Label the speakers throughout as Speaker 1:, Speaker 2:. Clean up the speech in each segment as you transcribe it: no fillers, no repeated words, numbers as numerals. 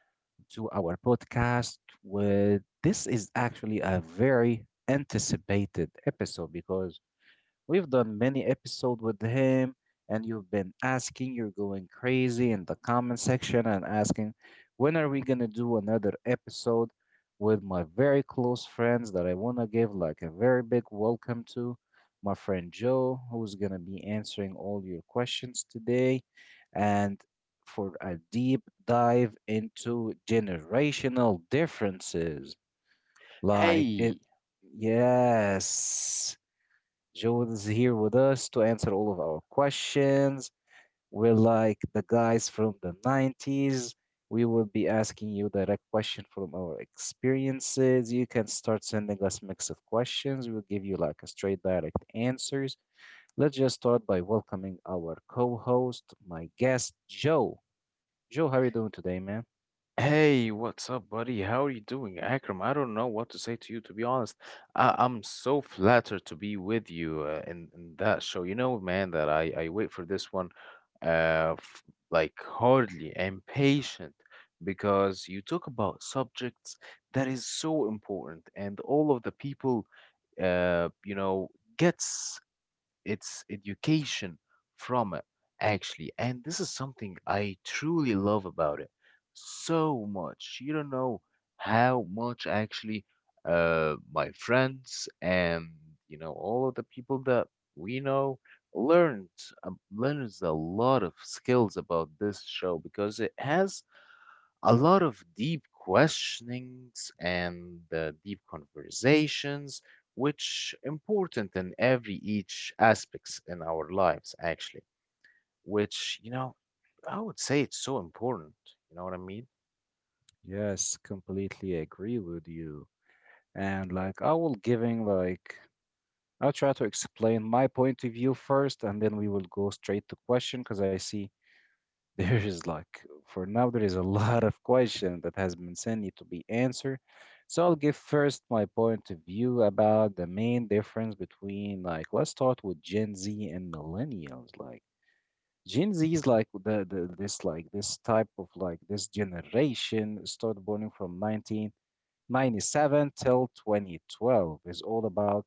Speaker 1: to our podcast. With this is actually a very anticipated episode because we've done many episodes with him, and you've been asking, you're going crazy in the comment section and asking, when are we gonna do another episode with my very close friends that I wanna give like a very big welcome to? My friend Joe, who's gonna be answering all your questions today, and for a deep dive into generational differences. Like it,
Speaker 2: Hey,
Speaker 1: yes, Joel is here with us to answer all of our questions. We're like the guys from the 90s. We will be asking you direct questions from our experiences. You can start sending us mix of questions. We'll give you like a straight direct answers. Let's just start by welcoming our co-host, my guest, Joe. Joe, how are you doing today, man?
Speaker 2: hey, what's up, buddy? How are you doing? Akram, I don't know what to say to you, to be honest. I'm so flattered to be with you in that show. You know, man, that I wait for this one f like hardly and patient because you talk about subjects that is so important and all of the people uh you know gets its education from it, actually. And this is something I truly love about it so much. You don't know how much actually my friends and, all of the people that we know learned learns a lot of skills about this show because it has a lot of deep questionings and deep conversations which important in every each aspects in our lives actually which, I would say it's so important, you know what I mean?
Speaker 1: Yes, completely agree with you. And like I will giving like I'll try to explain my point of view first, and then we will go straight to question because I see there is like for now there is a lot of question that has been sent need to be answered. So I'll give first my point of view about the main difference between like let's start with Gen Z and millennials. Like Gen Z is like the this like this type of like this generation started born from 1997 till 2012 is all about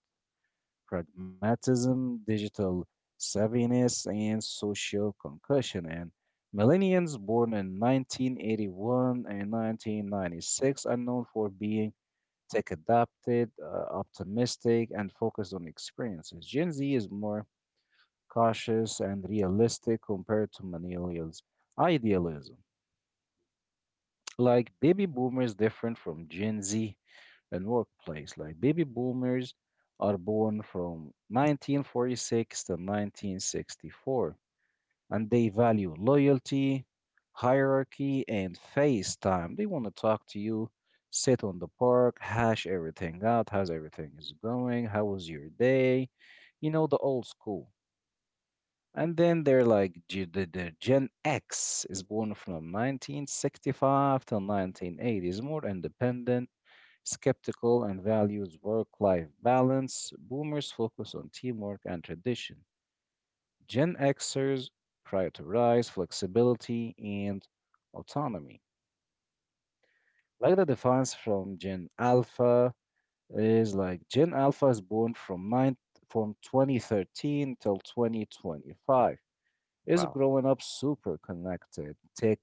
Speaker 1: pragmatism, digital savviness, and social concussion. And millennials born in 1981 and 1996 are known for being tech adapted, optimistic, and focused on experiences. Gen Z is more cautious and realistic compared to millennials' idealism. Like baby boomers, different from Gen Z and workplace. Like baby boomers are born from 1946 to 1964, and they value loyalty, hierarchy, and face time. They want to talk to you, sit on the park, hash everything out, how's everything is going, how was your day, you know, the old school. And then they're like the Gen X is born from 1965 till 1980 is more independent skeptical and values work life balance. Boomers focus on teamwork and tradition. Gen Xers prioritize flexibility and autonomy. Like the defense from Gen Alpha is like Gen Alpha is born from nine from 2013 till 2025 is
Speaker 2: Wow.
Speaker 1: growing up super connected, tech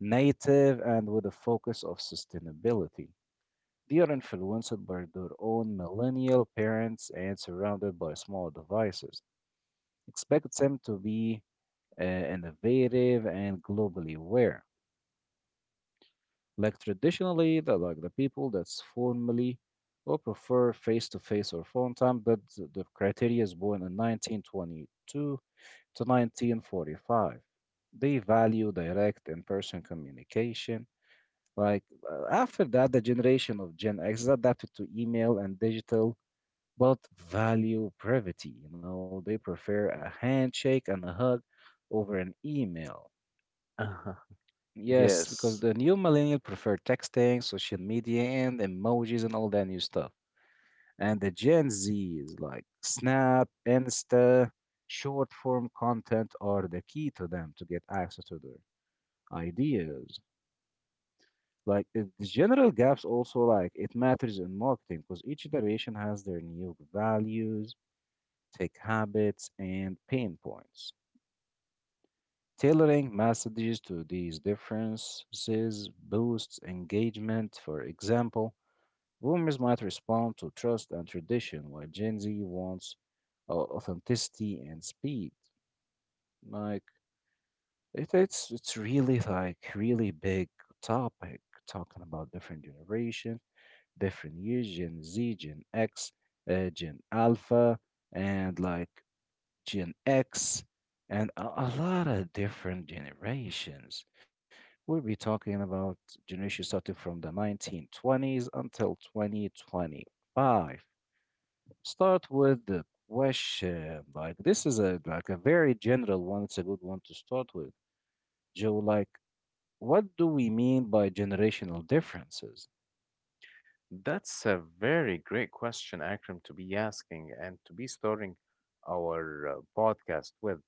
Speaker 1: native, and with a focus of sustainability. They are influenced by their own millennial parents and surrounded by small devices. Expect them to be innovative and globally aware. Like traditionally, the, like the people that's formally or prefer face-to-face or phone time, but the criteria is born in 1922 to 1945. They value direct in-person communication. Like after that, the generation of Gen X adapted to email and digital but value brevity. You know, they prefer a handshake and a hug over an email.
Speaker 2: Uh-huh.
Speaker 1: Yes, because
Speaker 2: Yes.
Speaker 1: the new millennial prefer texting, social media, and emojis and all that new stuff. And the Gen Z is like Snap, Insta, short form content are the key to them to get access to their ideas. Like it- the general gaps also like it matters in marketing because each generation has their new values tech habits, and pain points. Tailoring messages to these differences boosts engagement. For example, boomers might respond to trust and tradition, while Gen Z wants au- authenticity and speed. Like it's really like really big topic talking about different generations, different years, Gen Z, Gen X, Gen Alpha, and like Gen X, and a lot of different generations. We'll be talking about generations starting from the 1920s until 2025. Start with the question. Like this is a like a very general one. It's a good one to start with. Joe, like, what do we mean by generational differences?
Speaker 2: That's a very great question, Akram, to be asking and to be starting our podcast with.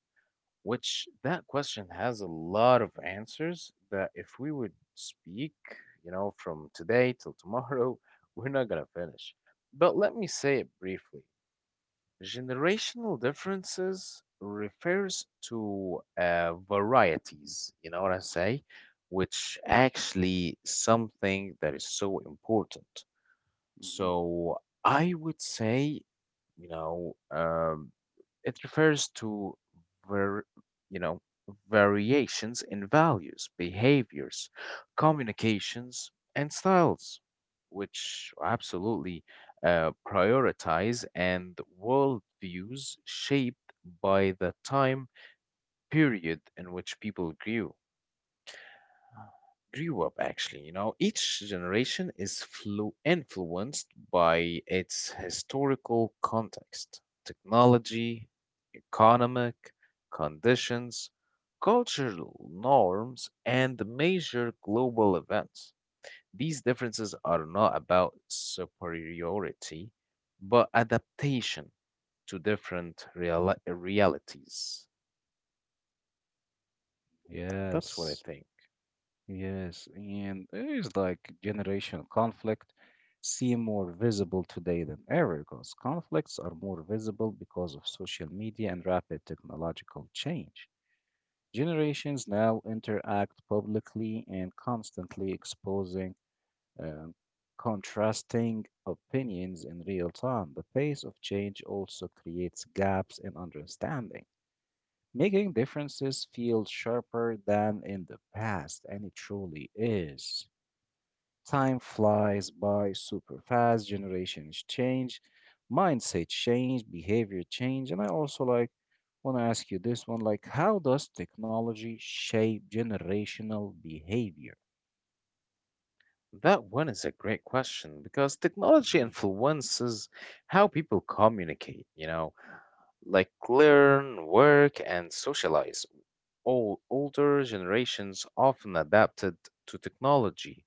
Speaker 2: Which that question has a lot of answers that if we would speak, you know, from today till tomorrow, we're not gonna finish. But let me say it briefly. Generational differences refers to varieties, you know what I say, which actually something that is so important.
Speaker 1: Mhm.
Speaker 2: So I would say, you know, it refers to var, you know, variations in values, behaviors, communications, and styles, which absolutely prioritize and worldviews shaped by the time period in which people grew up, actually. You know, each generation is influenced by its historical context, technology, economic conditions, cultural norms, and major global events. These differences are not about superiority but adaptation to different realities. That's what I
Speaker 1: Yes.
Speaker 2: think.
Speaker 1: Yes, and there is like generational conflict seem more visible today than ever because conflicts are more visible because of social media and rapid technological change. Generations now interact publicly and constantly exposing um, contrasting opinions in real time. The pace of change also creates gaps in understanding, making differences feel sharper than in the past, and it truly is. Time flies by super fast, generations change, mindset change, behavior change. And I also like want to ask you this one like how does technology shape generational behavior?
Speaker 2: That one is a great question because technology
Speaker 1: Mhm.
Speaker 2: influences how people communicate, you know, like learn, work, and socialize. All older generations often adapted to technology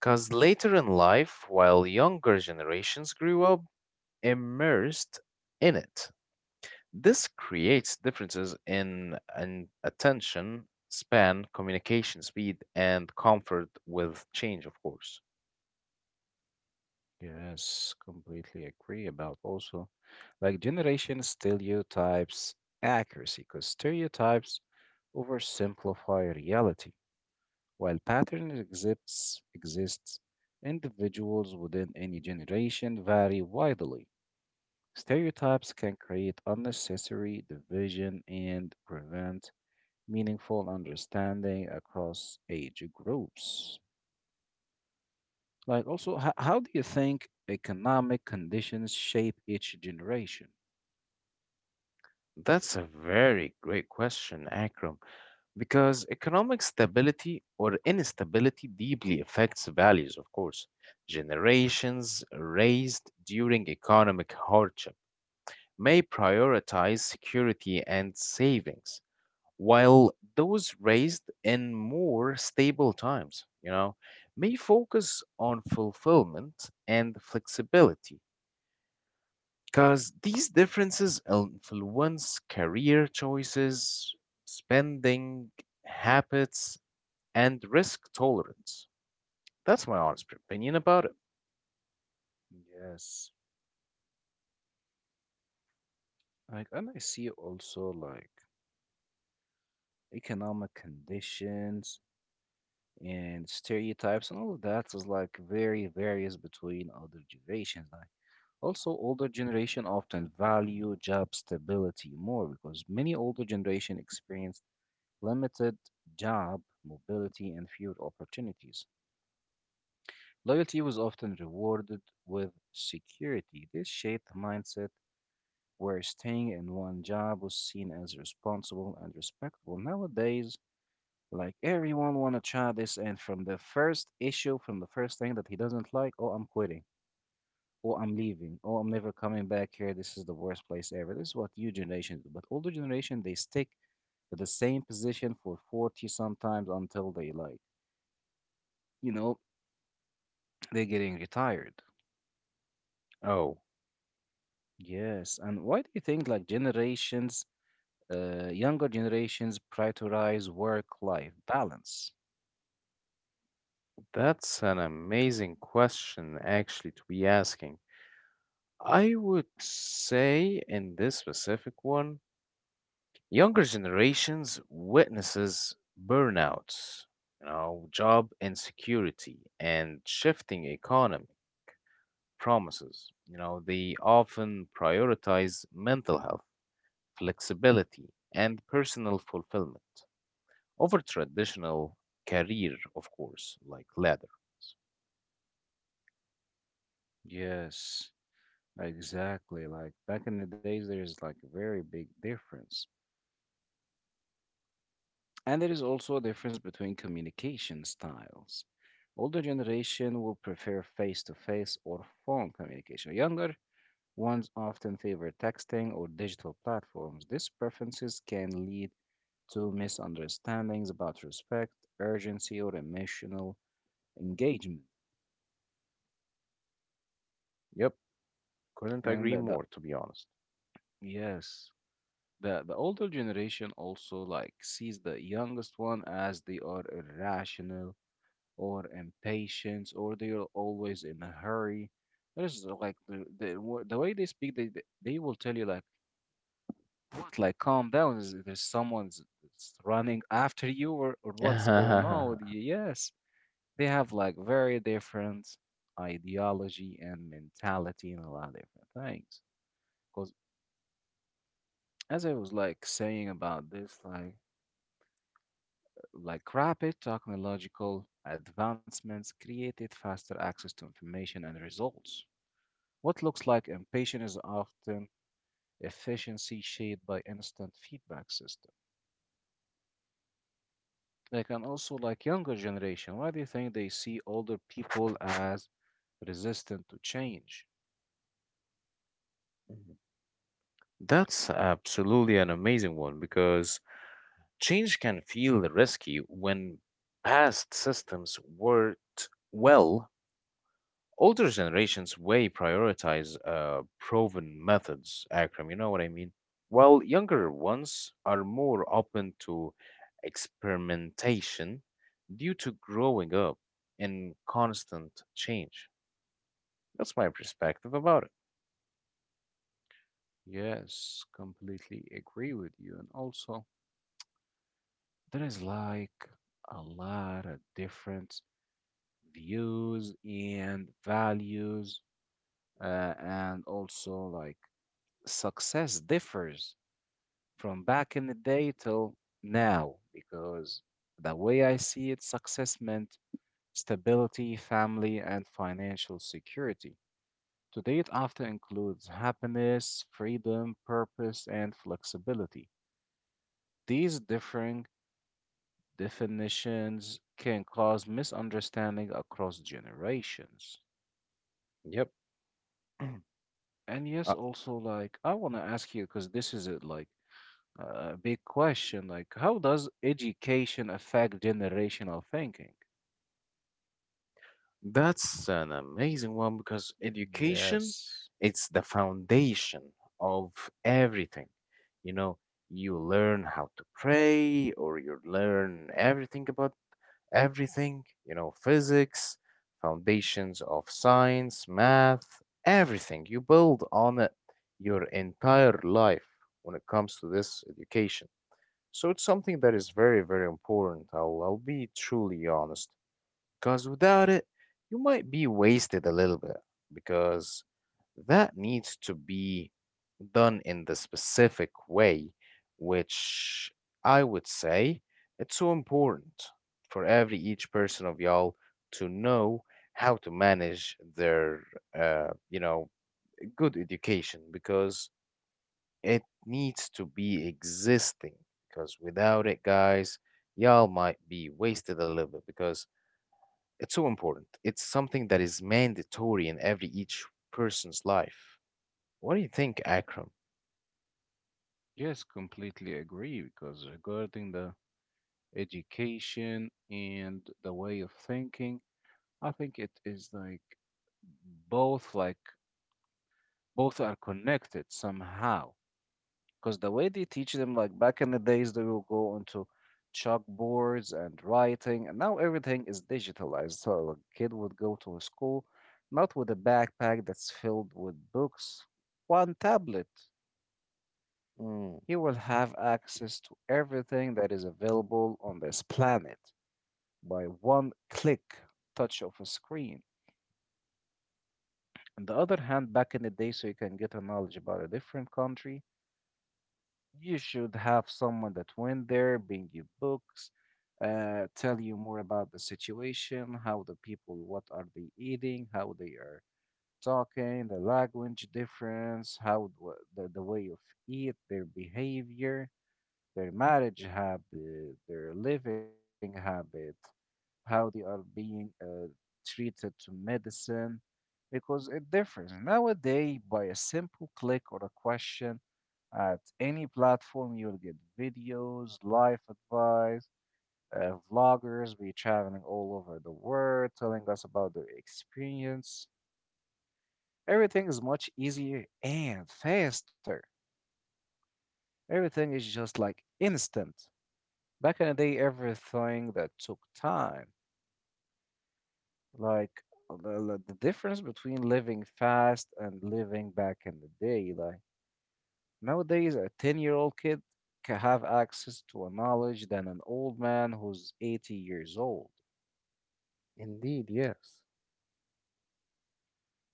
Speaker 2: because later in life, while younger generations grew up immersed in it. This creates differences in attention span, communication speed, and comfort with change, of course.
Speaker 1: Yes, completely agree about also like generation stereotypes accuracy because stereotypes oversimplify reality. While patterns exists, individuals within any generation vary widely. Stereotypes can create unnecessary division and prevent meaningful understanding across age groups. Like, also, h- how do you think economic conditions shape each generation?
Speaker 2: That's a very great question, Akram, because economic stability or instability deeply affects values, of course. Generations raised during economic hardship may prioritize security and savings, while those raised in more stable times, you know, may focus on fulfillment and flexibility because these differences influence career choices, spending habits, and risk tolerance. That's my honest opinion about it.
Speaker 1: Yes. Like, and I see also like economic conditions and stereotypes and all of that is like very varies between other generations. Like also older generation often value job stability more because many older generation experienced limited job mobility and fewer opportunities. Loyalty was often rewarded with security. This shaped the mindset where staying in one job was seen as responsible and respectable. Nowadays, like everyone wanna try this, and from the first issue, from the first thing that he doesn't like, oh, I'm quitting, oh, I'm leaving, oh, I'm never coming back here. This is the worst place ever. This is what new generation do. But older generation, they stick to the same position for 40 sometimes until they like, you know, they're getting retired.
Speaker 2: Oh,
Speaker 1: Yes, and why do you think like generations, younger generations prioritize work-life balance?
Speaker 2: that's an amazing question, actually, to be asking. I would say in this specific one, younger generations witnesses burnout, you know, job insecurity and shifting economy promises. You know, they often prioritize mental health, flexibility, and personal fulfillment over traditional career, of course, like ladder.
Speaker 1: Yes. Exactly. Like back in the days, there is like a very big difference. And there is also a difference between communication styles. Older generation will prefer face-to-face or phone communication. Younger ones often favor texting or digital platforms. These preferences can lead to misunderstandings about respect, urgency, or emotional engagement.
Speaker 2: Yep, couldn't
Speaker 1: And
Speaker 2: agree more, to be honest.
Speaker 1: yes, the older generation also like sees the youngest one as they are irrational or impatient or they are always in a hurry. There's like the way they speak, they will tell you like what like calm down. Is there's someone's that's running after you or what's going on with you? Yes, they have like very different ideology and mentality and a lot of different things. Because as I was like saying about this, like rapid technological advancements created faster access to information and results. What looks like impatience is often efficiency shaped by instant feedback system. Like and also like younger generation, why do you think they see older people as resistant to change?
Speaker 2: That's absolutely an amazing one because change can feel risky when past systems worked well. Older generations way prioritize proven methods, Akram, you know what I mean? While younger ones are more open to experimentation due to growing up in constant change. That's my perspective about it.
Speaker 1: Yes, completely agree with you. And also there is like a lot of different views and values and also like success differs from back in the day till now because the way I see it, success meant stability, family, and financial security. Today, it often includes happiness, freedom, purpose, and flexibility. These differing definitions can cause misunderstanding across generations.
Speaker 2: Yep.
Speaker 1: And yes,
Speaker 2: Uh,
Speaker 1: also, like, I want to ask you because this is it, like, big question. Like, how does education affect generational thinking?
Speaker 2: That's an amazing one because education,
Speaker 1: Yes,
Speaker 2: it's the foundation of everything. You know, you learn how to pray or you learn everything about everything, you know, physics, foundations of science, math, everything. You build on it your entire life when it comes to this education. So it's something that is very, very important. I'll be truly honest. Because without it, you might be wasted a little bit because that needs to be done in the specific way, which I would say it's so important for every each person of y'all to know how to manage their, you know, good education because it needs to be existing. Because without it, guys, y'all might be wasted a little bit because it's so important. It's something that is mandatory in every each person's life. What do you think, Akram?
Speaker 1: yes, completely agree. Because regarding the education and the way of thinking, I think it is like both are connected somehow, because the way they teach them, like back in the days, they will go onto chalkboards and writing, and now everything is digitalized. So like, a kid would go to a school not with a backpack that's filled with books, one tablet.
Speaker 2: Mm,
Speaker 1: He will have access to everything that is available on this planet by one click touch of a screen. On the other hand, back in the day, so you can get a knowledge about a different country, you should have someone that went there, bring you books, tell you more about the situation, how the people, what are they eating, how they are talking, the language difference, how the way of eat, their behavior, their marriage habit, their living habit, how they are being treated to medicine, because it differs. Nowadays, by a simple click or a question, at any platform. You'll get videos, life advice, vloggers be traveling all over the world telling us about their experience. Everything is much easier and faster. Everything is just like instant. Back in the day, everything that took time, like the difference between living fast and living back in the day, like nowadays, a 10-year-old kid can have access to a knowledge than an old man who's 80 years old.
Speaker 2: indeed, yes.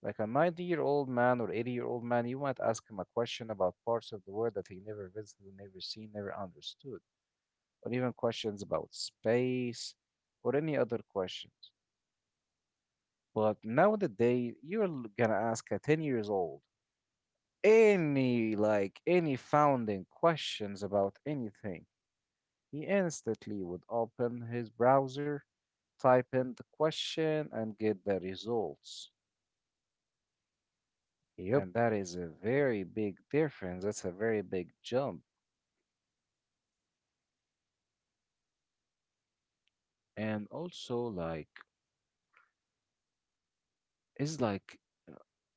Speaker 1: Like a 90-year-old man or 80-year-old man, you might ask him a question about parts of the world that he never visited, never seen, never understood, or even questions about space or any other questions. But nowadays, you're l- gonna ask a 10 years old any, like, any founding questions about anything. He instantly would open his browser type in the question and get the results.
Speaker 2: Yep.
Speaker 1: And that is a very big difference. That's a very big jump. And also, is like,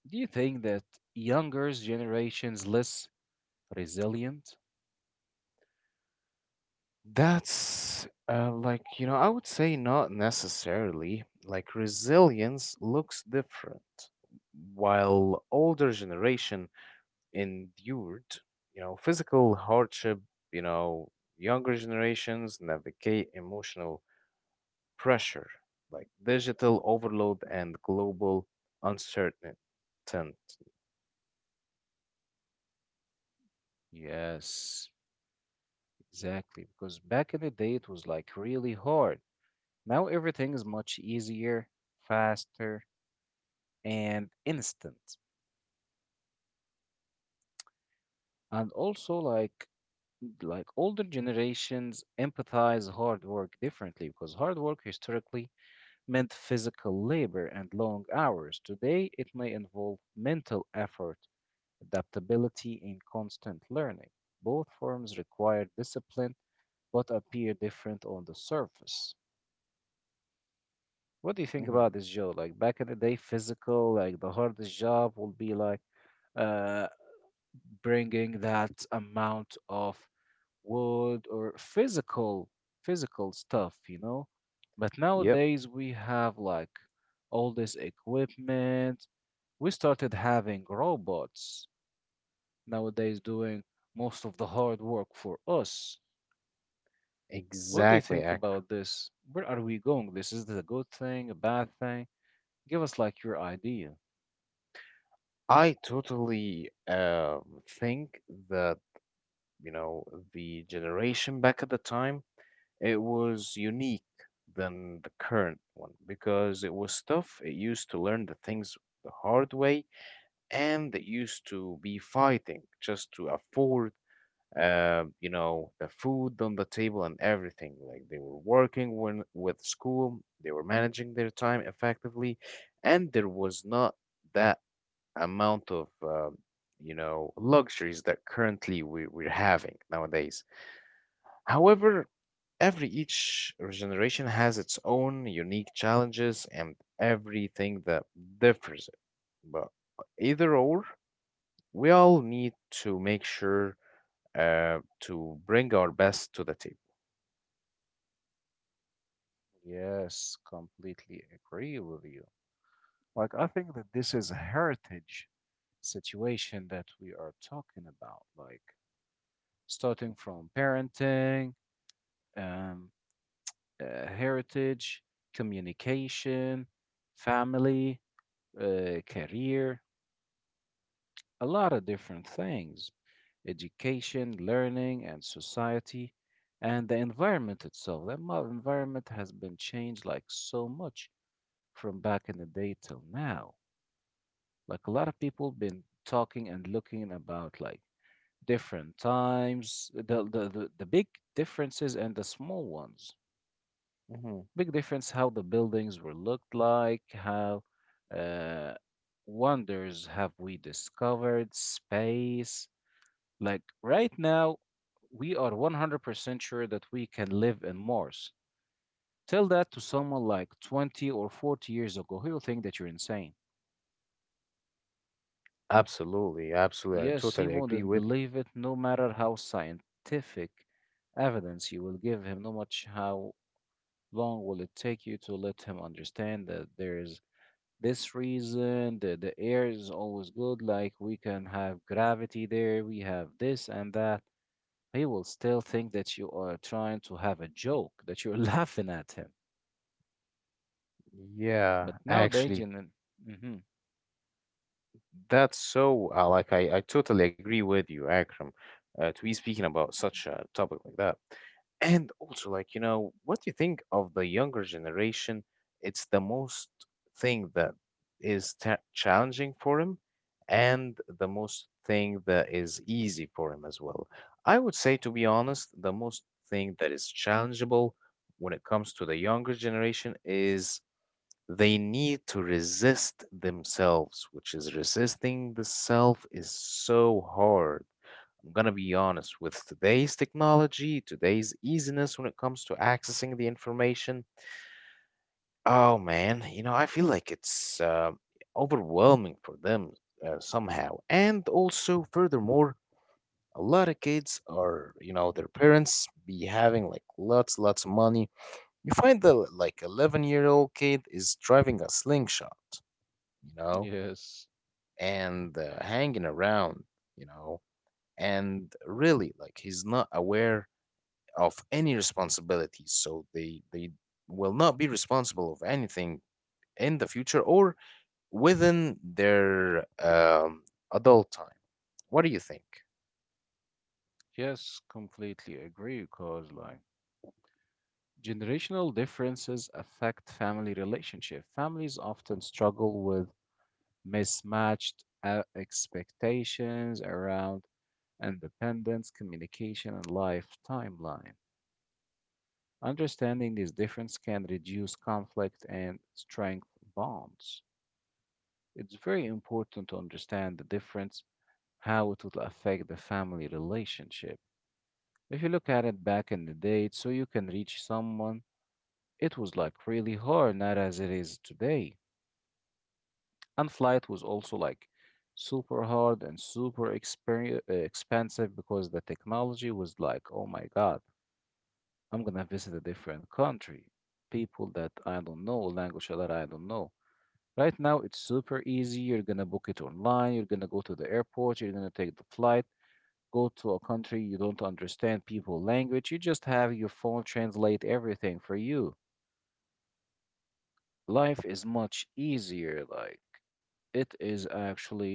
Speaker 1: do you think that younger generations less resilient?
Speaker 2: That's like, you know, I would say not necessarily. Like, resilience looks different. While older generation endured, you know, physical hardship, you know, younger generations navigate emotional pressure, like digital overload and global uncertainty.
Speaker 1: Yes, exactly. Because back in the day, it was like really hard. Now everything is much easier, faster, and instant. And also like older generations empathize hard work differently because hard work historically meant physical labor and long hours. Today it may involve mental effort, adaptability, and constant learning. Both forms require discipline but appear different on the surface. What do you think
Speaker 2: Mhm.
Speaker 1: about this, Joe? Like back in the day, physical, like the hardest job will be like uh bringing that amount of wood or physical stuff, you know? But
Speaker 2: Yep,
Speaker 1: nowadays we have like all this equipment, we started having robots nowadays doing most of the hard work for us. What do you
Speaker 2: exactly.
Speaker 1: think about this? Where are we going? This is this a good thing, a bad thing? Give us like your idea.
Speaker 2: I totally think that, you know, the generation back at the time, it was unique than the current one because it was tough. It used to learn the things the hard way and it used to be fighting just to afford you know, the food on the table and everything. Like they were working when, with school, they were managing their time effectively, and there was not that amount of, you know, luxuries that currently we're having nowadays. However, every each generation has its own unique challenges and everything that differs it. But either or, we all need to make sure to bring our best to the table.
Speaker 1: Yes, completely agree with you. Like I think that this is a heritage situation that we are talking about, like starting from parenting, um, heritage, communication, family, career, a lot of different things, education, learning, and society, and the environment itself. Environment has been changed like so much from back in the day till now. Like a lot of people been talking and looking about like different times, the big differences and the small ones.
Speaker 2: Hmm.
Speaker 1: Big difference how the buildings were looked like, how uh, wonders have we discovered, space. Like right now, we are 100% sure that we can live in Mars. Tell that to someone like 20 or 40 years ago, he'll think that you're insane.
Speaker 2: Absolutely, absolutely. I
Speaker 1: Yes, he
Speaker 2: totally agree
Speaker 1: wouldn't
Speaker 2: with you.
Speaker 1: believe it, no matter how scientific evidence you will give him, no much how long will it take you to let him understand that there is this reason, the air is always good. Like we can have gravity there, we have this and that. He will still think that you are trying to have a joke, that you're laughing at him.
Speaker 2: Yeah,
Speaker 1: But nowadays,
Speaker 2: actually.
Speaker 1: gener- hmm
Speaker 2: That's so, like, I totally agree with you, Akram, to be speaking about such a topic like that. And also, like, you know, what do you think of the younger generation? It's the most thing that is ta challenging for him and the most thing that is easy for him as well. I would say, to be honest, the most thing that is challengeable when it comes to the younger generation is they need to resist themselves, which is resisting the self is so hard. I'm gonna be honest with today's technology, today's easiness when it comes to accessing the information. Oh man, you know, I feel like it's overwhelming for them somehow. And also, furthermore, a lot of kids are, you know, their parents be having like lots of money. You find the like 11-year-old kid is driving a slingshot, you know?
Speaker 1: yes,
Speaker 2: And hanging around, you know, and really like he's not aware of any responsibilities. So they will not be responsible of anything in the future or within their adult time. What do you think?
Speaker 1: yes, completely agree. Because like generational differences affect family relationship. Families often struggle with mismatched expectations around independence, communication, and life timeline. Understanding these differences can reduce conflict and strengthen bonds. It's very important to understand the difference, how it will affect the family relationship. If you look at it back in the day, so you can reach someone, it was like really hard, not as it is today. And flight was also like super hard and expensive because the technology was like, oh my God, I'm gonna visit a different country, people that I don't know, language that I don't know. Right now, it's super easy. You're gonna book it online, you're gonna go to the airport, you're gonna take the flight, go to a country you don't understand people language, you just have your phone translate everything for you. Life is much easier, like it is actually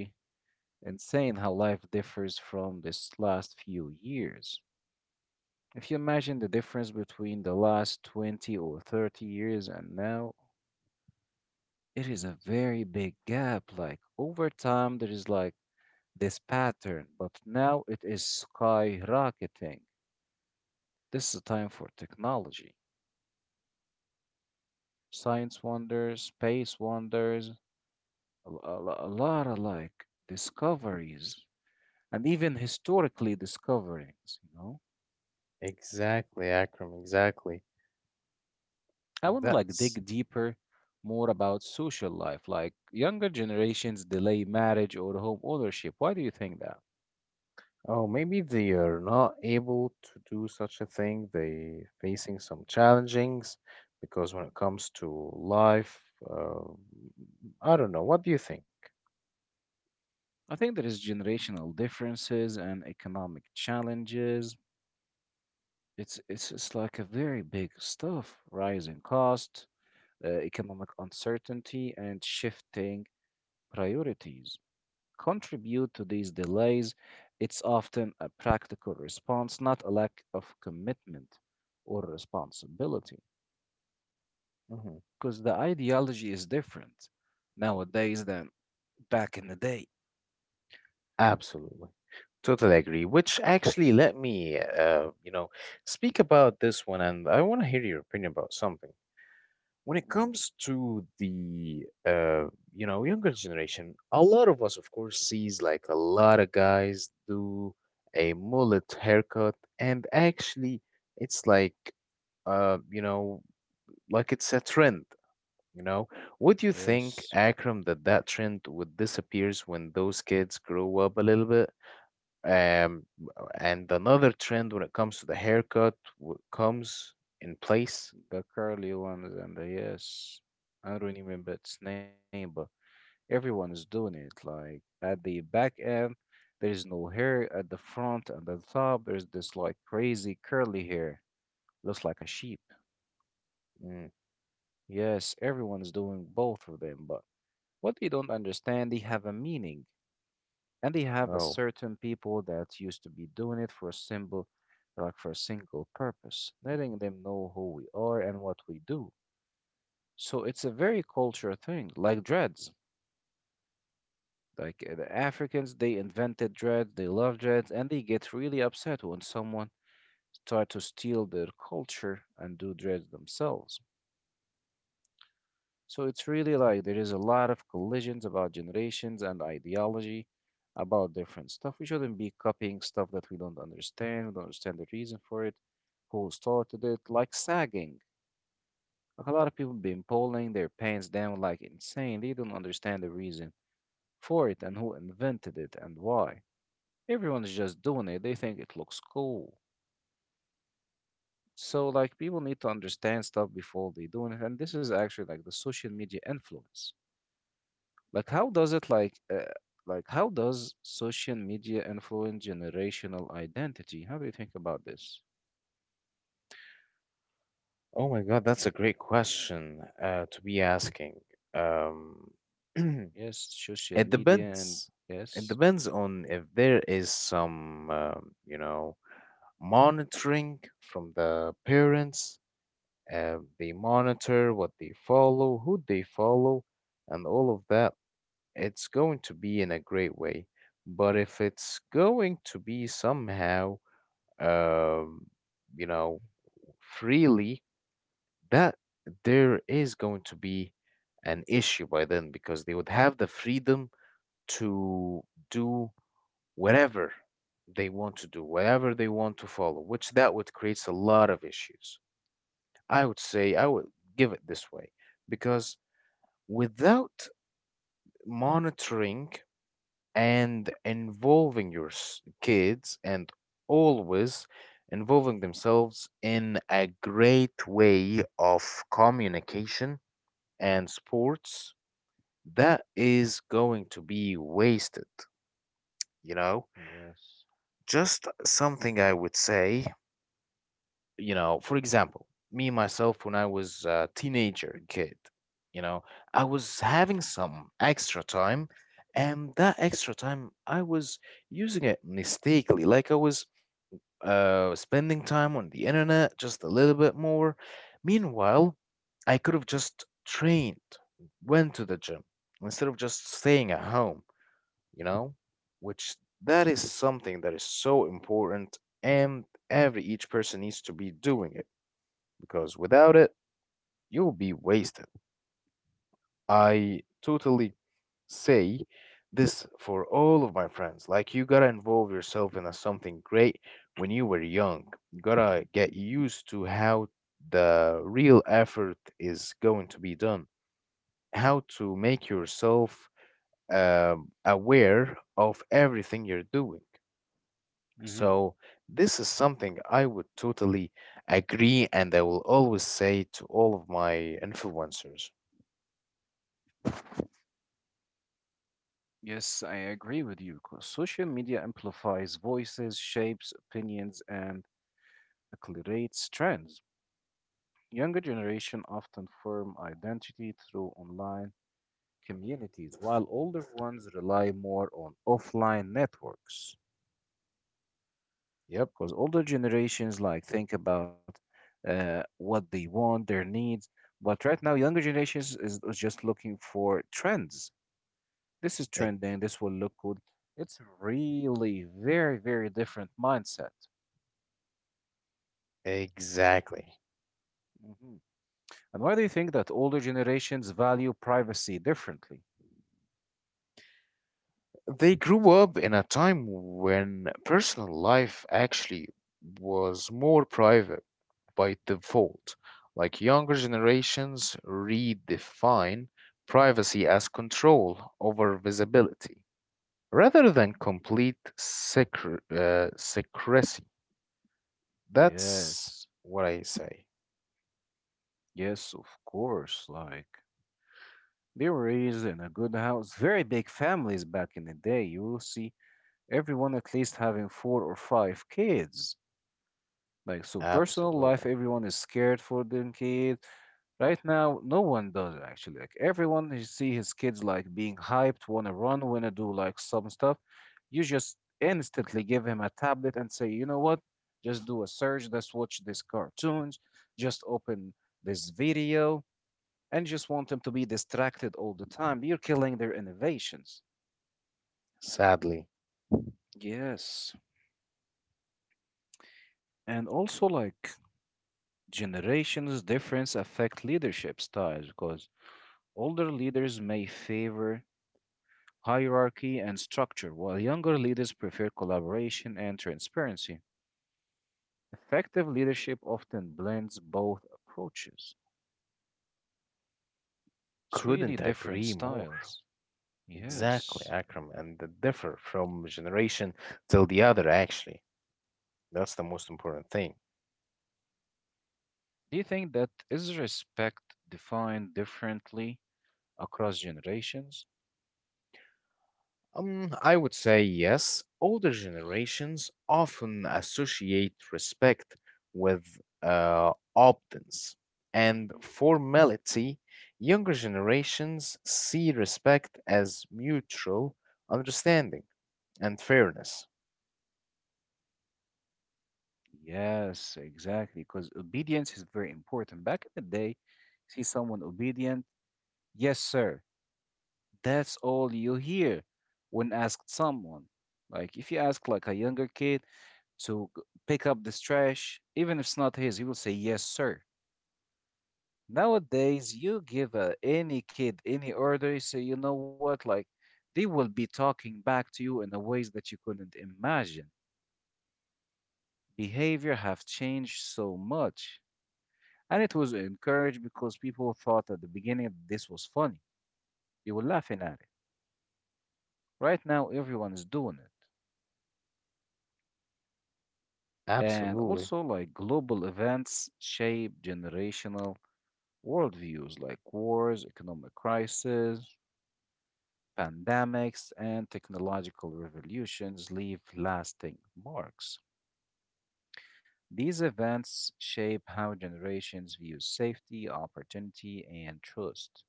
Speaker 1: insane how life differs from this last few years. If you imagine the difference between the last 20 or 30 years and now, it is a very big gap. Like over time, there is like this pattern, but now it is skyrocketing. This is a time for technology, science wonders, space wonders, a lot of like discoveries, and even historically discoverings, you know?
Speaker 2: Exactly, Akram, exactly.
Speaker 1: I want to like
Speaker 2: That's.
Speaker 1: dig deeper more about social life, like younger generations delay marriage or home ownership. Why do you think that?
Speaker 2: Oh, maybe they are not able to do such a thing. They facing some challengings because when it comes to life, uh, I don't know. What do you think?
Speaker 1: I think there is generational differences and economic challenges. It's like a very big stuff, rising cost, economic uncertainty, and shifting priorities contribute to these delays. It's often a practical response, not a lack of commitment or responsibility,
Speaker 2: Hmm.
Speaker 1: because the ideology is different nowadays than back in the day.
Speaker 2: Absolutely. Totally agree. Which actually let me, you know, speak about this one, and I want to hear your opinion about something. When
Speaker 1: Mhm.
Speaker 2: it comes to the you know, younger generation, a lot of us, of course, sees like a lot of guys do a mullet haircut, and actually, it's like you know, like it's a trend. You know, would you think,
Speaker 1: Yes,
Speaker 2: Akram, that that trend would disappears when those kids grow up a little bit? Um, and another trend when it comes to the haircut comes in place.
Speaker 1: the curly ones and the yes. I don't remember its name, but everyone is doing it. Like at the back end, there is no hair. At the front and at the top, there's this like crazy curly hair. Looks like a sheep.
Speaker 2: Mm,
Speaker 1: Yes, everyone is doing both of them, but what they don't understand, they have a meaning. And they have a
Speaker 2: oh.
Speaker 1: certain people that used to be doing it for a simple, like for a single purpose, letting them know who we are and what we do. So it's a very culture thing, like dreads. Like the Africans, they invented dreads, they love dreads, and they get really upset when someone start to steal their culture and do dreads themselves. So it's really like there is a lot of collisions about generations and ideology about different stuff. We shouldn't be copying stuff that we don't understand the reason for it, who started it, like sagging. Like a lot of people been pulling their pants down like insane. They don't understand the reason for it and who invented it and why. Everyone's just doing it. They think it looks cool. So like people need to understand stuff before they do it, and this is actually like the social media influence. Like how does it like how does social media influence generational identity? How do you think about this?
Speaker 2: Oh my God, that's a great question to be asking. Um,
Speaker 1: Yes,
Speaker 2: it
Speaker 1: social media and
Speaker 2: depends. It
Speaker 1: yes.
Speaker 2: depends on if there is some, you know, monitoring from the parents. They monitor what they follow, who they follow, and all of that. It's going to be in a great way. But if it's going to be somehow, um, you know, freely that there is going to be an issue by then because they would have the freedom to do whatever they want to do, whatever they want to follow, which that would creates a lot of issues. I would say I would give it this way because without monitoring and involving your kids and always involving themselves in a great way of communication and sports that is going to be wasted, you know?
Speaker 1: Yes.
Speaker 2: Just something I would say, you know, for example, me myself when I was a teenager kid, you know, I was having some extra time and that extra time I was using it mistakenly, like I was spending time on the internet just a little bit more. Meanwhile, I could have just trained, went to the gym instead of just staying at home, you know? Which that is something that is so important and every each person needs to be doing it because without it, you'll be wasted. I totally say this for all of my friends. Like, you gotta involve yourself in a something great when you were young. You gotta get used to how the real effort is going to be done, how to make yourself aware of everything you're doing.
Speaker 1: hmm
Speaker 2: So, this is something I would totally agree, and I will always say to all of my influencers.
Speaker 1: yes, I agree with you. 'Cause social media amplifies voices, shapes opinions, and accelerates trends. Younger generation often form identity through online communities, while older ones rely more on offline networks.
Speaker 2: Yep,
Speaker 1: Because older generations like think about what they want, their needs, but right now younger generations is just looking for trends. This is
Speaker 2: e-
Speaker 1: trending. This will look good. It's really very very different mindset.
Speaker 2: exactly.
Speaker 1: Mhm. And why do you think that older generations value privacy differently?
Speaker 2: They grew up in a time when personal life actually was more private by default. Like younger generations redefine privacy as control over visibility rather than complete secrecy. That's
Speaker 1: Yes.
Speaker 2: what I say.
Speaker 1: Yes, of course. Like they were raised in a good house, very big families back in the day. You will see everyone at least having four or five kids. Like so, personal life,
Speaker 2: Absolutely.
Speaker 1: everyone is scared for them kids. Right now, no one does actually. Like everyone, you see his kids like being hyped, wanna run, wanna do like some stuff. You just instantly give him a tablet and say, you know what? Just do a search. Let's watch these cartoons. Just open this video and just want them to be distracted all the time. You're killing their innovations.
Speaker 2: Sadly,
Speaker 1: Yes. And also, like, generations' difference affect leadership styles because older leaders may favor hierarchy and structure, while younger leaders prefer collaboration and transparency. Effective leadership often blends both approaches. It's really
Speaker 2: couldn't
Speaker 1: different
Speaker 2: agree more.
Speaker 1: styles.
Speaker 2: Exactly,
Speaker 1: Yes.
Speaker 2: Akram, and the differ from generation till the other actually. That's the most important thing.
Speaker 1: Do you think that is respect defined differently across generations?
Speaker 2: I would say yes. Older generations often associate respect with obedience and
Speaker 1: hmm
Speaker 2: formality. Younger generations see respect as mutual understanding and fairness.
Speaker 1: Yes, exactly. Because obedience is very important. Back in the day, see someone obedient, yes, sir. That's all you hear when asked someone. Like if you ask like a younger kid to pick up this trash, even if it's not his, he will say yes, sir. Nowadays, you give any kid any order, you say, you know what, like they will be talking back to you in a ways that you couldn't imagine. Behavior have changed so much. And it was encouraged because people thought at the beginning that this was funny. They were laughing at it. Right now, everyone is doing it. And
Speaker 2: Absolutely.
Speaker 1: also, like global events shape generational worldviews like wars, economic crises, pandemics, and technological revolutions leave lasting marks. These events shape how generations view safety, opportunity, and trust.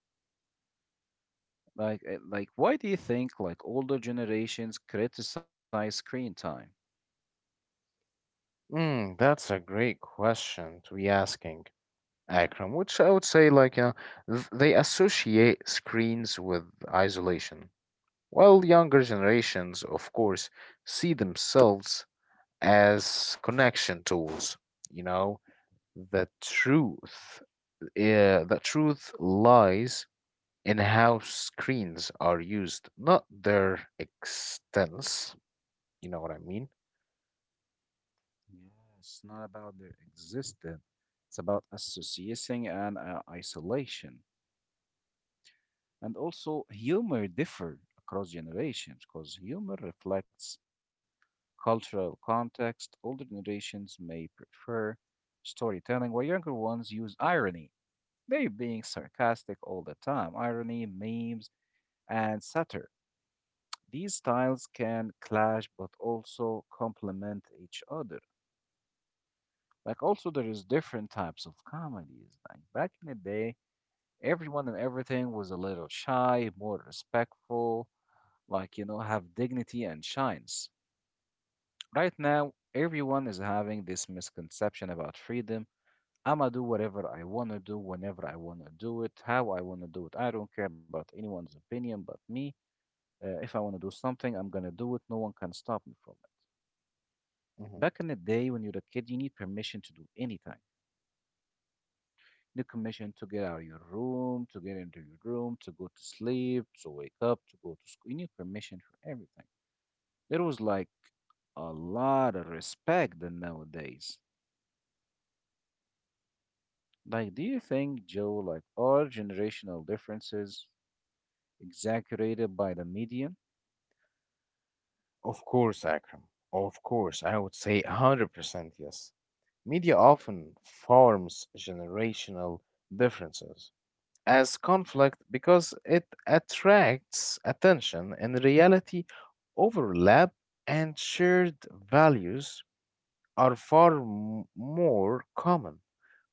Speaker 1: Like, why do you think like older generations criticize screen time?
Speaker 2: That's a great question to be asking, Akram, which I would say they associate screens with isolation. While younger generations, of course, see themselves as connection tools, you know, the truth, the truth lies in how screens are used, not their extents. You know what I mean?
Speaker 1: Yeah, it's not about their existence. It's about associating and isolation. And also, humor differ across generations because humor reflects cultural context. Older generations may prefer storytelling, while younger ones use irony. They're being sarcastic all the time. Irony, memes, and satire. These styles can clash but also complement each other. Like also there is different types of comedies. Like back in the day, everyone and everything was a little shy, more respectful, like you know, have dignity and shines. Right now, everyone is having this misconception about freedom. I'ma do whatever I wanna do, whenever I wanna do it, how I wanna do it. I don't care about anyone's opinion but me. If I wanna do something, I'm gonna do it. No one can stop me from
Speaker 2: Mhm.
Speaker 1: back in the day when you're a kid, you need permission to do anything. You need permission to get out of your room, to get into your room, to go to sleep, to wake up, to go to school. You need permission for everything. There was like a lot of respect than nowadays. Like, do you think, Joe, like our generational differences exaggerated by the media?
Speaker 2: Of course, Akram. Of course, I would say 100% yes. Media often forms generational differences as conflict because it attracts attention. In reality, overlap and shared values are far more common,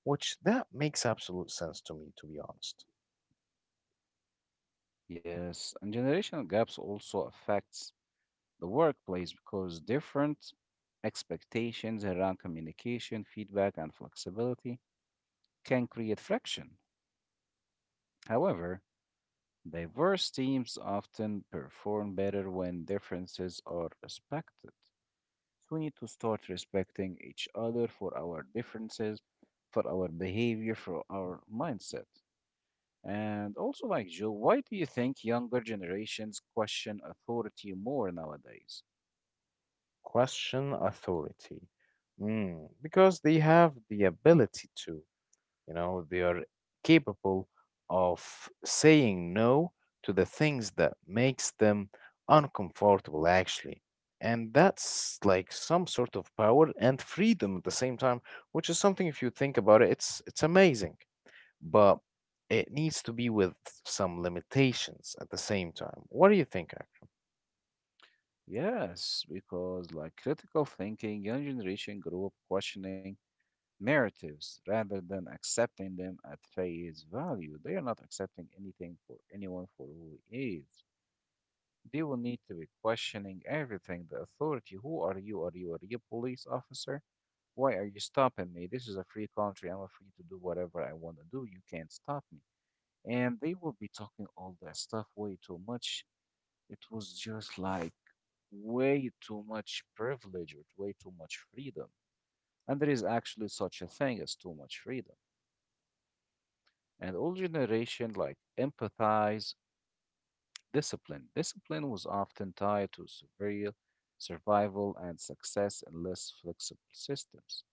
Speaker 2: which that makes absolute sense to me, to be honest.
Speaker 1: Yes, and generational gaps also affects the workplace because different expectations around communication, feedback, and flexibility can create friction. However, diverse teams often perform better when differences are respected. So we need to start respecting each other for our differences, for our behavior, for our mindset. And also, like Joe, why do you think younger generations question authority more nowadays?
Speaker 2: Question authority. Because they have the ability to. You know, they are capable of saying no to the things that makes them uncomfortable actually. And that's like some sort of power and freedom at the same time, which is something if you think about it, it's amazing. But it needs to be with some limitations at the same time. What do you think?
Speaker 1: Yes, because like critical thinking, young generation grew up questioning narratives rather than accepting them at face value. They are not accepting anything for anyone for who he is. They will need to be questioning everything. The authority, who are you? Are you a police officer? Why are you stopping me? This is a free country. I'm free to do whatever I want to do. You can't stop me. And they will be talking all that stuff way too much. It was just like way too much privilege or way too much freedom. And there is actually such a thing as too much freedom. And old generation like empathize discipline. Discipline was often tied to severe survival and success in less flexible systems.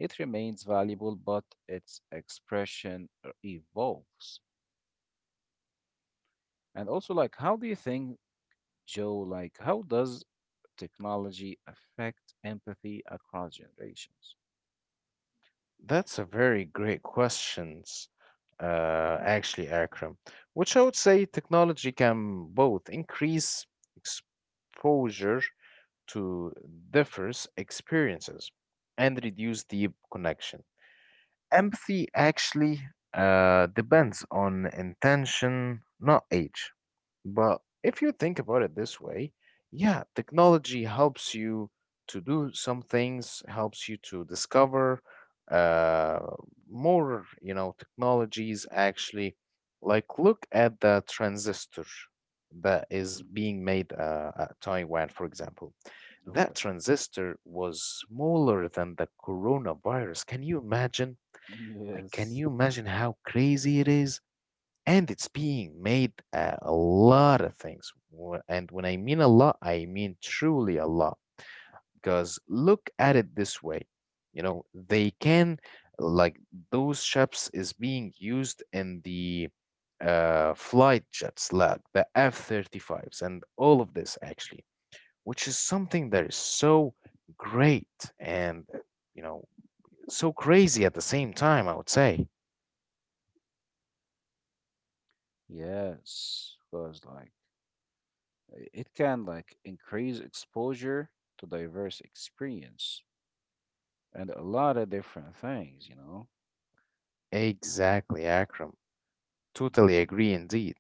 Speaker 1: It remains valuable, but its expression evolves. And also, like, how do you think, Joe? Like, how does technology affect empathy across generations?
Speaker 2: That's a very great questions, actually, Akram, which I would say technology can both increase exposure to diverse experiences and reduce deep connection. Empathy actually depends on intention, not age. But if you think about it this way, yeah, technology helps you to do some things, helps you to discover uh, more, you know, technologies actually. Like, look at the transistor that is
Speaker 1: Hmm.
Speaker 2: being made at Taiwan, for example. That
Speaker 1: Okay.
Speaker 2: transistor was smaller than the coronavirus. Can you imagine? Like, can
Speaker 1: Yes.
Speaker 2: you imagine how crazy it is? And it's being made a lot of things. And when I mean a lot, I mean truly a lot. Because look at it this way, you know, they can like those ships is being used in the flight jets, like the F-35s and all of this actually, which is something that is so great and you know so crazy at the same time. I would say.
Speaker 1: Yes, because like it can like increase exposure to diverse experience and a lot of different things, you know.
Speaker 2: Exactly, Akram. Totally
Speaker 1: Mhm.
Speaker 2: agree indeed.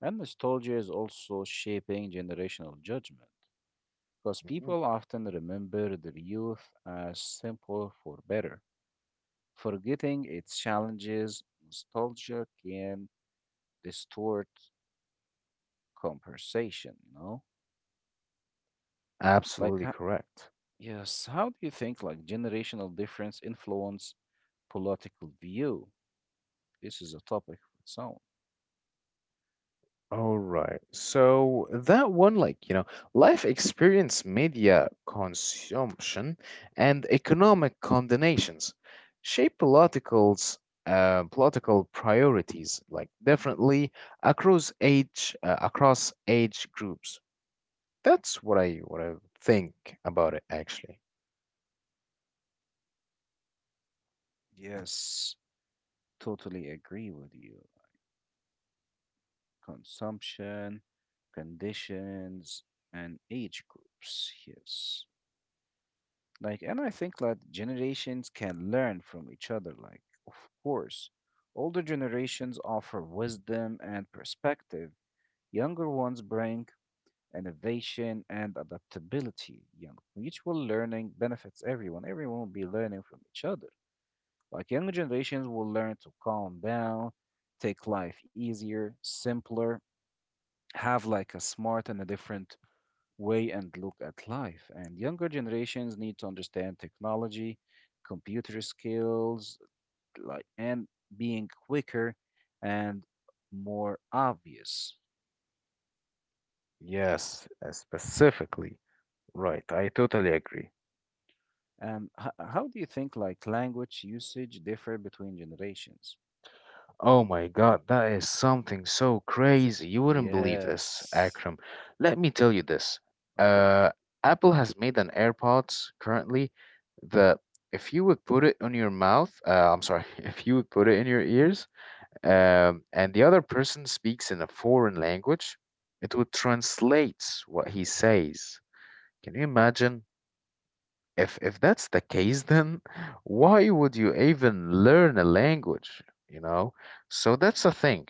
Speaker 1: And nostalgia is also shaping generational judgment because
Speaker 2: Mhm.
Speaker 1: people often remember their youth as simple for better. Forgetting its challenges, nostalgia can distort conversation? Like,
Speaker 2: Absolutely
Speaker 1: ho-
Speaker 2: correct.
Speaker 1: yes, how do you think like generational difference influence political view? This is a topic of its own.
Speaker 2: All right. So that one, like, you know, life experience, media consumption, and economic combinations shape politicals, political priorities, like, differently across age groups. That's what I think about it, actually.
Speaker 1: Yes, totally agree with you. Consumption, conditions, and age groups. Yes. Like, and I think that generations can learn from each other. Like, of course, older generations offer wisdom and perspective, younger ones bring innovation and adaptability. You know, mutual learning benefits everyone. Everyone will be learning from each other. Like younger generations will learn to calm down, take life easier, simpler, have like a smart and a different way and look at life. And younger generations need to understand technology, computer skills, like and being quicker and more obvious.
Speaker 2: Yes, specifically. Right. I totally agree.
Speaker 1: How do you think like language usage differ between generations?
Speaker 2: Oh my God, that is something so crazy. You wouldn't believe this,
Speaker 1: Yes.
Speaker 2: Akram. Let me tell you this.
Speaker 1: Okay.
Speaker 2: Uh, Apple has made an AirPods currently that if you would put it on your mouth, I'm sorry, if you would put it in your ears, and the other person speaks in a foreign language, it would translate what he says. Can you imagine? If that's the case, then why would you even learn a language? You know? So that's a thing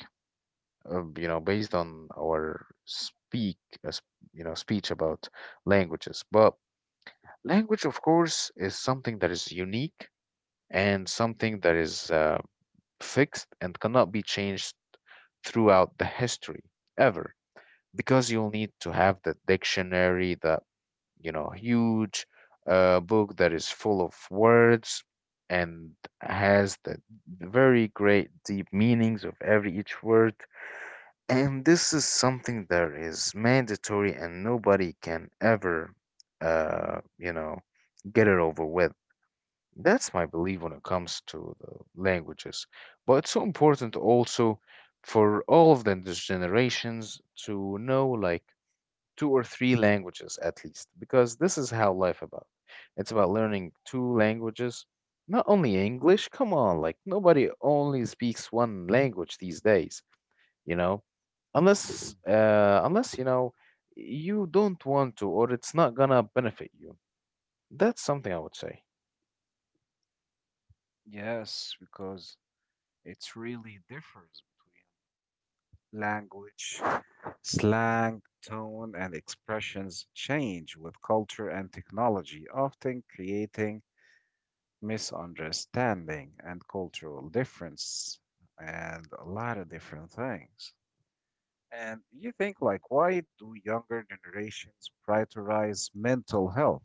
Speaker 2: you know, based on our speak, uh, s- you know, speech about languages. But language, of course, is something that is unique and something that is fixed and cannot be changed throughout the history ever, because you'll need to have the dictionary, the you know, huge book that is full of words and has the very great deep meanings of every each word, and this is something that is mandatory and nobody can ever, you know, get it over with. That's my belief when it comes to the languages. But it's so important also for all of the these generations to know like two or three languages at least, because this is how life about. It's about learning two languages, not only English. Come on, like nobody only speaks one language these days, you know, unless
Speaker 1: Hmm.
Speaker 2: unless you know you don't want to or it's not gonna benefit you. That's something I would say.
Speaker 1: Yes, because it really differs between language, slang, tone, and expressions change with culture and technology, often creating misunderstanding and cultural difference and a lot of different things. And you think like, why do younger generations prioritize mental health?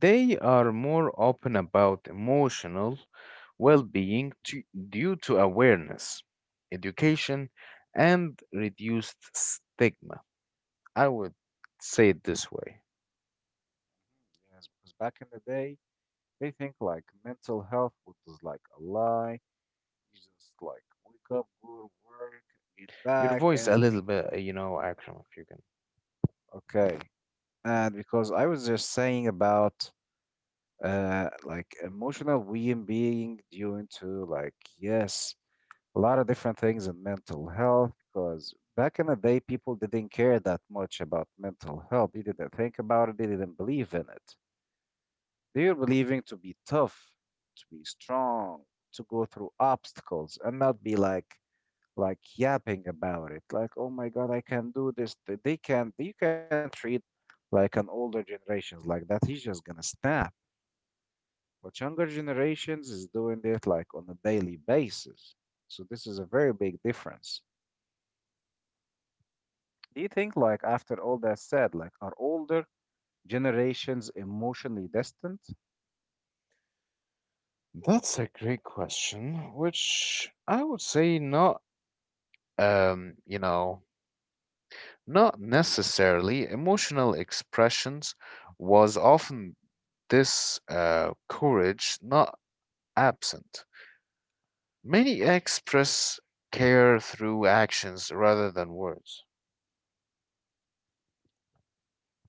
Speaker 2: They are more open about emotional well-being to, due to awareness, education, and reduced stigma. I would say it this way.
Speaker 1: Yes, because back in the day, they think like mental health was like a lie. You just like wake up, go to work, get
Speaker 2: Your
Speaker 1: back,
Speaker 2: voice
Speaker 1: and
Speaker 2: a little bit you know, Akram, if you can.
Speaker 1: okay. And because I was just saying about like emotional well-being due to like yes, a lot of different things in mental health, because back in the day people didn't care that much about mental health. They didn't think about it, they didn't believe in it. They were believing to be tough, to be strong, to go through obstacles and not be like yapping about it like oh my god I can do this. They can't, you can't treat like an older generations like that, he's just gonna snap. But younger generations is doing it like on a daily basis. So this is a very big difference. Do you think like after all that said like are older generations emotionally distant?
Speaker 2: That's a great question, which I would say not, you know, not necessarily. Emotional expressions was often this courage, not absent. Many express care through actions rather than words.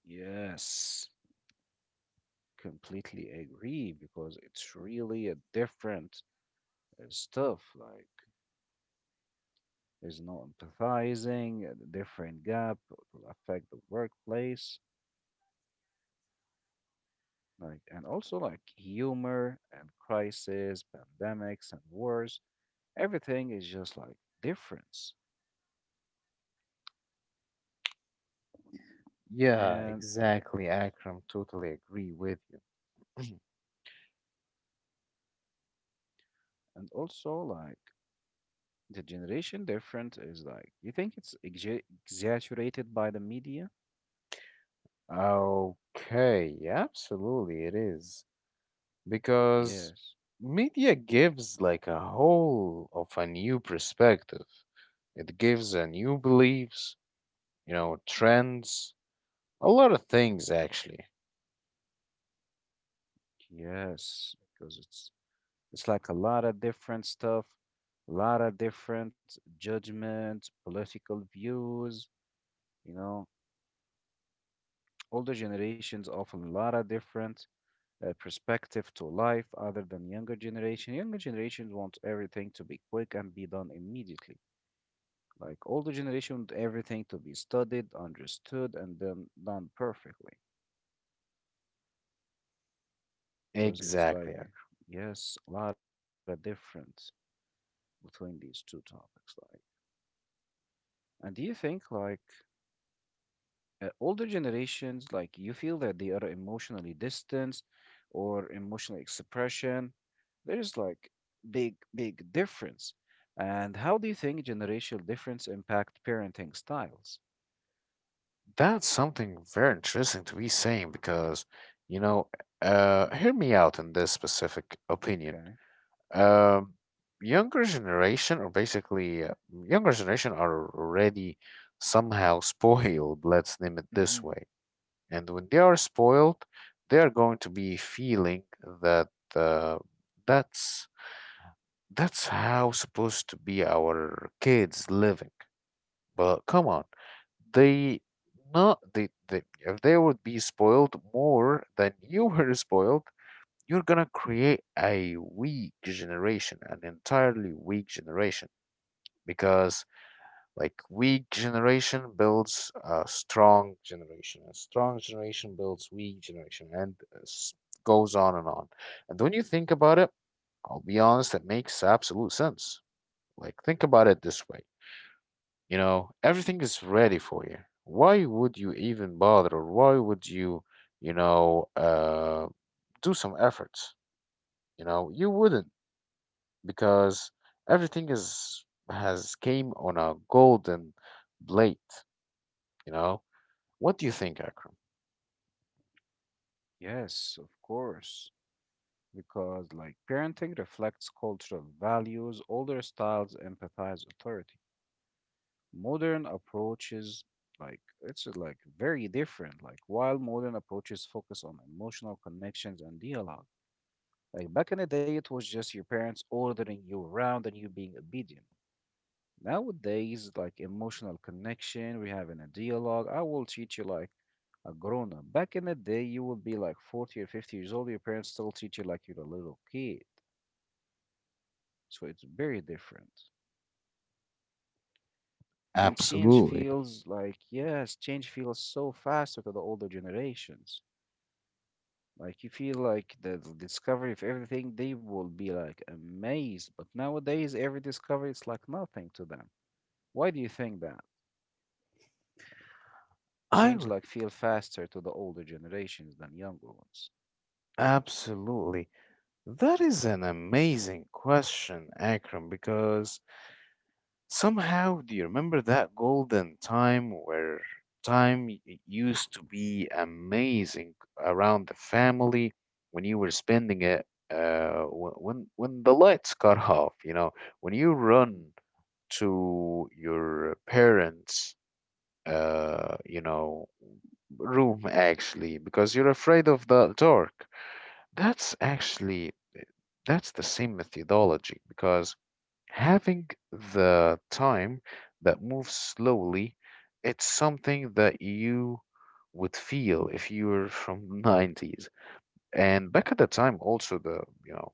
Speaker 1: Yes, completely agree because it's really a different stuff like. There's no empathizing, the different gap will affect the workplace, like and also like humor and crisis, pandemics and wars. Everything is just like difference,
Speaker 2: Yeah,
Speaker 1: and
Speaker 2: exactly, Akram. Totally agree with you.
Speaker 1: and also like the generation different is like you think it's exaggerated by the media?
Speaker 2: Okay, yeah, absolutely it is. Because
Speaker 1: Yes,
Speaker 2: media gives like a whole of a new perspective. It gives a new beliefs, you know, trends, a lot of things actually.
Speaker 1: yes, because it's like a lot of different stuff, a lot of different judgments, political views, you know. Older generations offer a lot of different perspective to life other than younger generation. Younger generations want everything to be quick and be done immediately. Like older generation want everything to be studied, understood, and then done perfectly. Because it's
Speaker 2: Exactly.
Speaker 1: like, yes, a lot of difference between these two topics. Like, and do you think like older generations like you feel that they are emotionally distant or emotional expression there's like big big difference and how do you think generational difference impact parenting styles?
Speaker 2: That's something very interesting to be saying because, you know, hear me out in this specific opinion.
Speaker 1: Okay.
Speaker 2: um, Younger generation, or basically younger generation, are already somehow spoiled, let's name it this
Speaker 1: Hmm.
Speaker 2: way. And when they are spoiled, they are going to be feeling that uh, that's that's how supposed to be our kids living. But come on, they they if they would be spoiled more than you were spoiled, you're gonna create a weak generation, an entirely weak generation, because like weak generation builds a strong generation builds weak generation, and goes on. And when you
Speaker 1: Mhm.
Speaker 2: think about it, I'll be honest, it makes absolute sense. Like think about it this way. You know, everything is ready for you. Why would you even bother, or why would you, you know, do some efforts? You know, you wouldn't. Because everything is has came on a golden plate, you know? What do you think, Akram?
Speaker 1: Yes, of course, because like parenting reflects cultural values, older styles empathize authority, modern approaches like it's like very different, like while modern approaches focus on emotional connections and dialogue. Like back in the day it was just your parents ordering you around and you being obedient. Nowadays like emotional connection, we having a dialogue, I will treat you like a grown up. Back in the day you will be like 40 or 50 years old, your parents still treat you like you're a little kid. So it's very different. And change
Speaker 2: Absolutely.
Speaker 1: feels like, yes, change feels so faster to the older generations. Like you feel like the discovery of everything, they will be like amazed. But nowadays, every discovery is like nothing to them. Why do you think that?
Speaker 2: I
Speaker 1: Change
Speaker 2: would
Speaker 1: like feel faster to the older generations than younger ones.
Speaker 2: absolutely. That is an amazing question, Akram, because somehow do you remember that golden time where time used to be amazing around the family when you were spending it, when the lights got off, you know, when you
Speaker 1: Mhm.
Speaker 2: run to your parents' you know, room actually because you're afraid of the dark. That's actually that's the same methodology because having the time that moves slowly, it's something that you would feel if you were from 90's. And back at the time also, the you know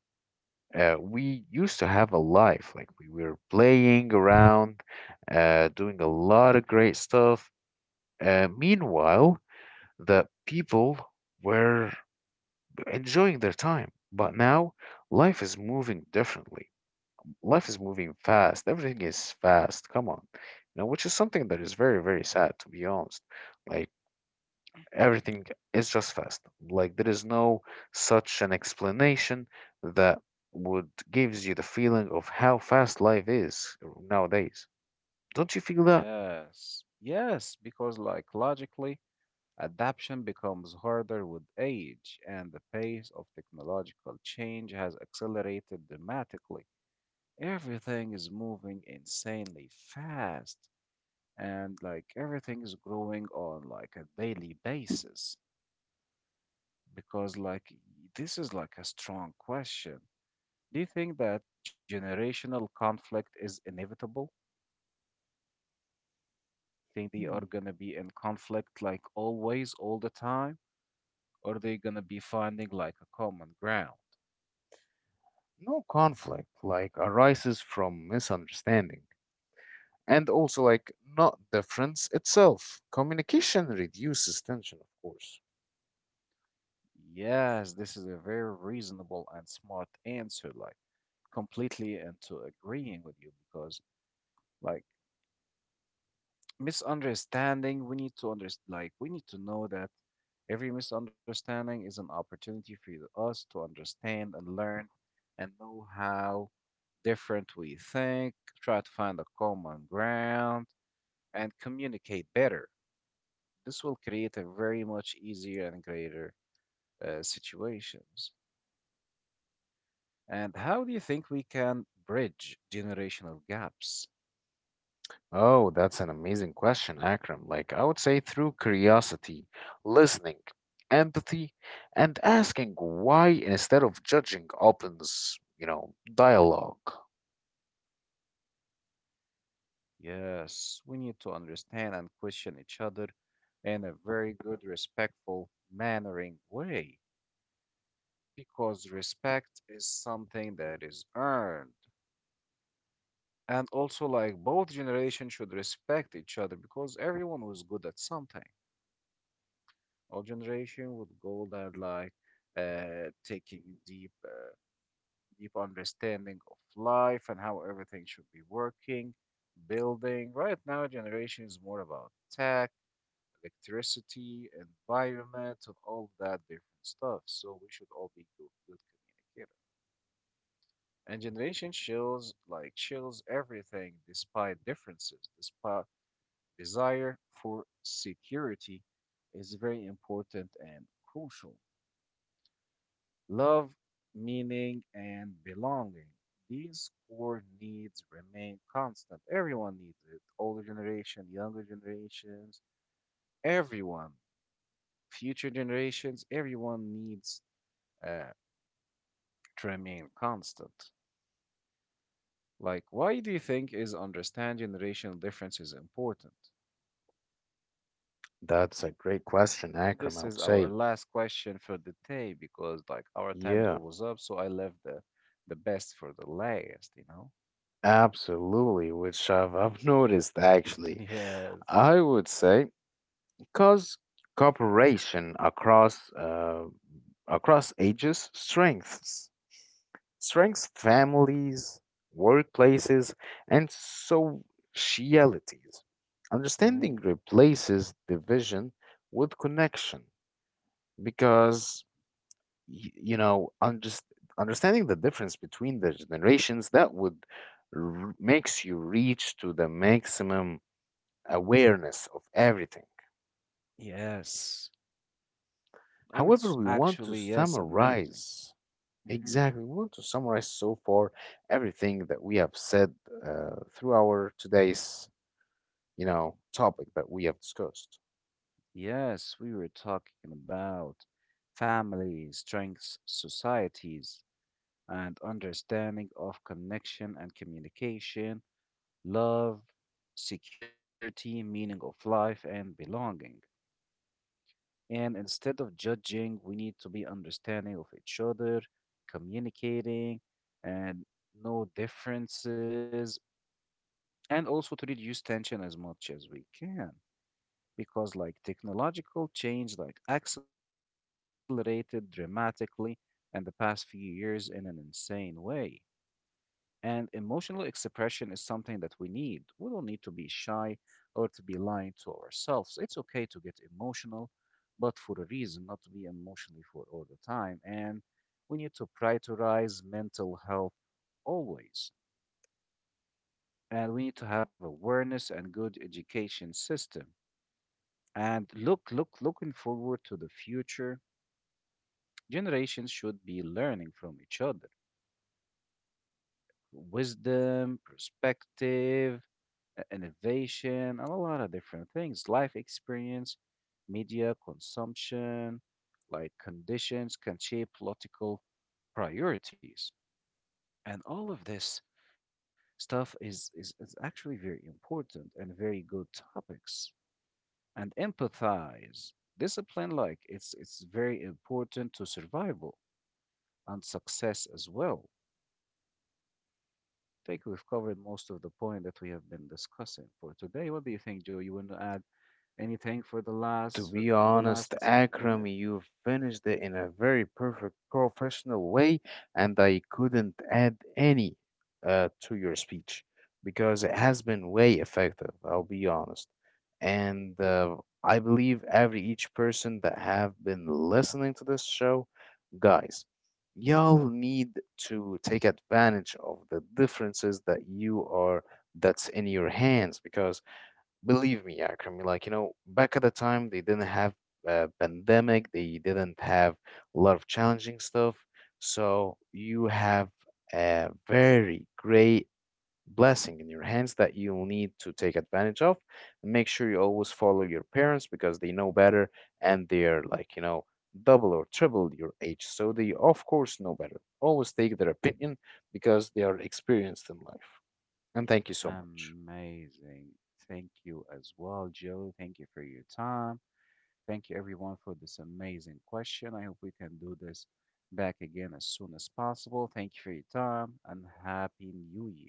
Speaker 2: we used to have a life like we were playing around, doing a lot of great stuff, meanwhile the people were enjoying their time. But now life is moving differently, life is moving fast, everything is fast, come on, you know, which is something that is very very sad, to be honest. Like everything is just fast. Like there is no such an explanation that would gives you the feeling of how fast life is nowadays. Don't you feel that?
Speaker 1: Yes. Yes, because like logically, adaptation becomes harder with age, and the pace of technological change has accelerated dramatically. Everything is moving insanely fast and like everything is growing on like a daily basis, because like this is like a strong question. Do you think that generational conflict is inevitable? Think they are
Speaker 2: Hmm.
Speaker 1: gonna be in conflict like always, all the time, or are they gonna be finding like a common ground?
Speaker 2: No, conflict like arises from misunderstanding and also like not difference itself. Communication reduces tension, of course.
Speaker 1: Yes, this is a very reasonable and smart answer, like completely into agreeing with you, because like misunderstanding, we need to understand like we need to know that every misunderstanding is an opportunity for us to understand and learn and know how different we think, try to find a common ground and communicate better. This will create a very much easier and greater situations. And how do you think we can bridge generational gaps?
Speaker 2: Oh, that's an amazing question, Akram. Like, I would say through curiosity, listening, empathy, and asking why instead of judging opens, you know, dialogue.
Speaker 1: Yes, we need to understand and question each other in a very good, respectful, mannering way, because respect is something that is earned. And also, like, both generations should respect each other because everyone was good at something. All generation would go there, like, taking deep, deep understanding of life and how everything should be working, building. Right now, generation is more about tech, electricity, environment, and all that different stuff. So we should all be good, good communicator. And generation chills like chills everything despite differences, despite desire for security is very important and crucial. Love, meaning, and belonging. These core needs remain constant. Everyone needs it. Older generation, younger generations, everyone, future generations, everyone needs uh, to remain constant. Like, why do you think is understanding generational difference is important?
Speaker 2: That's a great question, Akram, I
Speaker 1: This is
Speaker 2: would
Speaker 1: our
Speaker 2: say.
Speaker 1: last question for the day because like our time's
Speaker 2: Yeah,
Speaker 1: almost up, so I left the best for the last, you know?
Speaker 2: absolutely, which I've noticed actually.
Speaker 1: Yes.
Speaker 2: I would say because cooperation across across ages strengths families, workplaces, and socialities. Understanding
Speaker 1: Mhm.
Speaker 2: replaces division with connection because, you know, understanding the difference between the generations that would makes you reach to the maximum awareness of everything.
Speaker 1: Yes. And it's
Speaker 2: However, we want to
Speaker 1: actually, yes, amazing.
Speaker 2: summarize.
Speaker 1: Hmm.
Speaker 2: Exactly. We want to summarize so far everything that we have said through our today's, you know, topic that we have discussed.
Speaker 1: Yes, we were talking about family, strengths, societies, and understanding of connection and communication, love, security, meaning of life, and belonging. And instead of judging, we need to be understanding of each other, communicating, and no differences, and also to reduce tension as much as we can. Because, like, technological change, like, accelerated dramatically in the past few years in an insane way. And emotional expression is something that we need. We don't need to be shy or to be lying to ourselves. It's okay to get emotional, but for a reason, not to be emotionally for all the time. And we need to prioritize mental health always. And we need to have awareness and good education system. And looking forward to the future, generations should be learning from each other. Wisdom, perspective, innovation, and a lot of different things, life experience, media consumption, like conditions can shape political priorities. And all of this stuff is actually very important and very good topics. And empathize. Discipline, like it's very important to survival and success as well. I think we've covered most of the point that we have been discussing for today. What do you think, Joe? You want to add anything for the
Speaker 2: To
Speaker 1: last
Speaker 2: be
Speaker 1: in the
Speaker 2: honest,
Speaker 1: last
Speaker 2: Akram,
Speaker 1: minute?
Speaker 2: you finished it in a very perfect professional way, and I couldn't add any to your speech because it has been way effective, I'll be honest. And I believe every each person that have been listening to this show, guys, y'all need to take advantage of the differences that you are that's in your hands, because believe me, Akram, like, you know, back at the time, they didn't have a pandemic, they didn't have a lot of challenging stuff. So you have a very great blessing in your hands that you'll need to take advantage of. And make sure you always follow your parents because they know better and they're like, you know, double or triple your age. So they, of course, know better. Always take their opinion because they are experienced in life. And thank you so much.
Speaker 1: Amazing. Thank you as well, Joe. Thank you for your time. Thank you everyone for this amazing question. I hope we can do this back again as soon as possible. Thank you for your time and happy new year.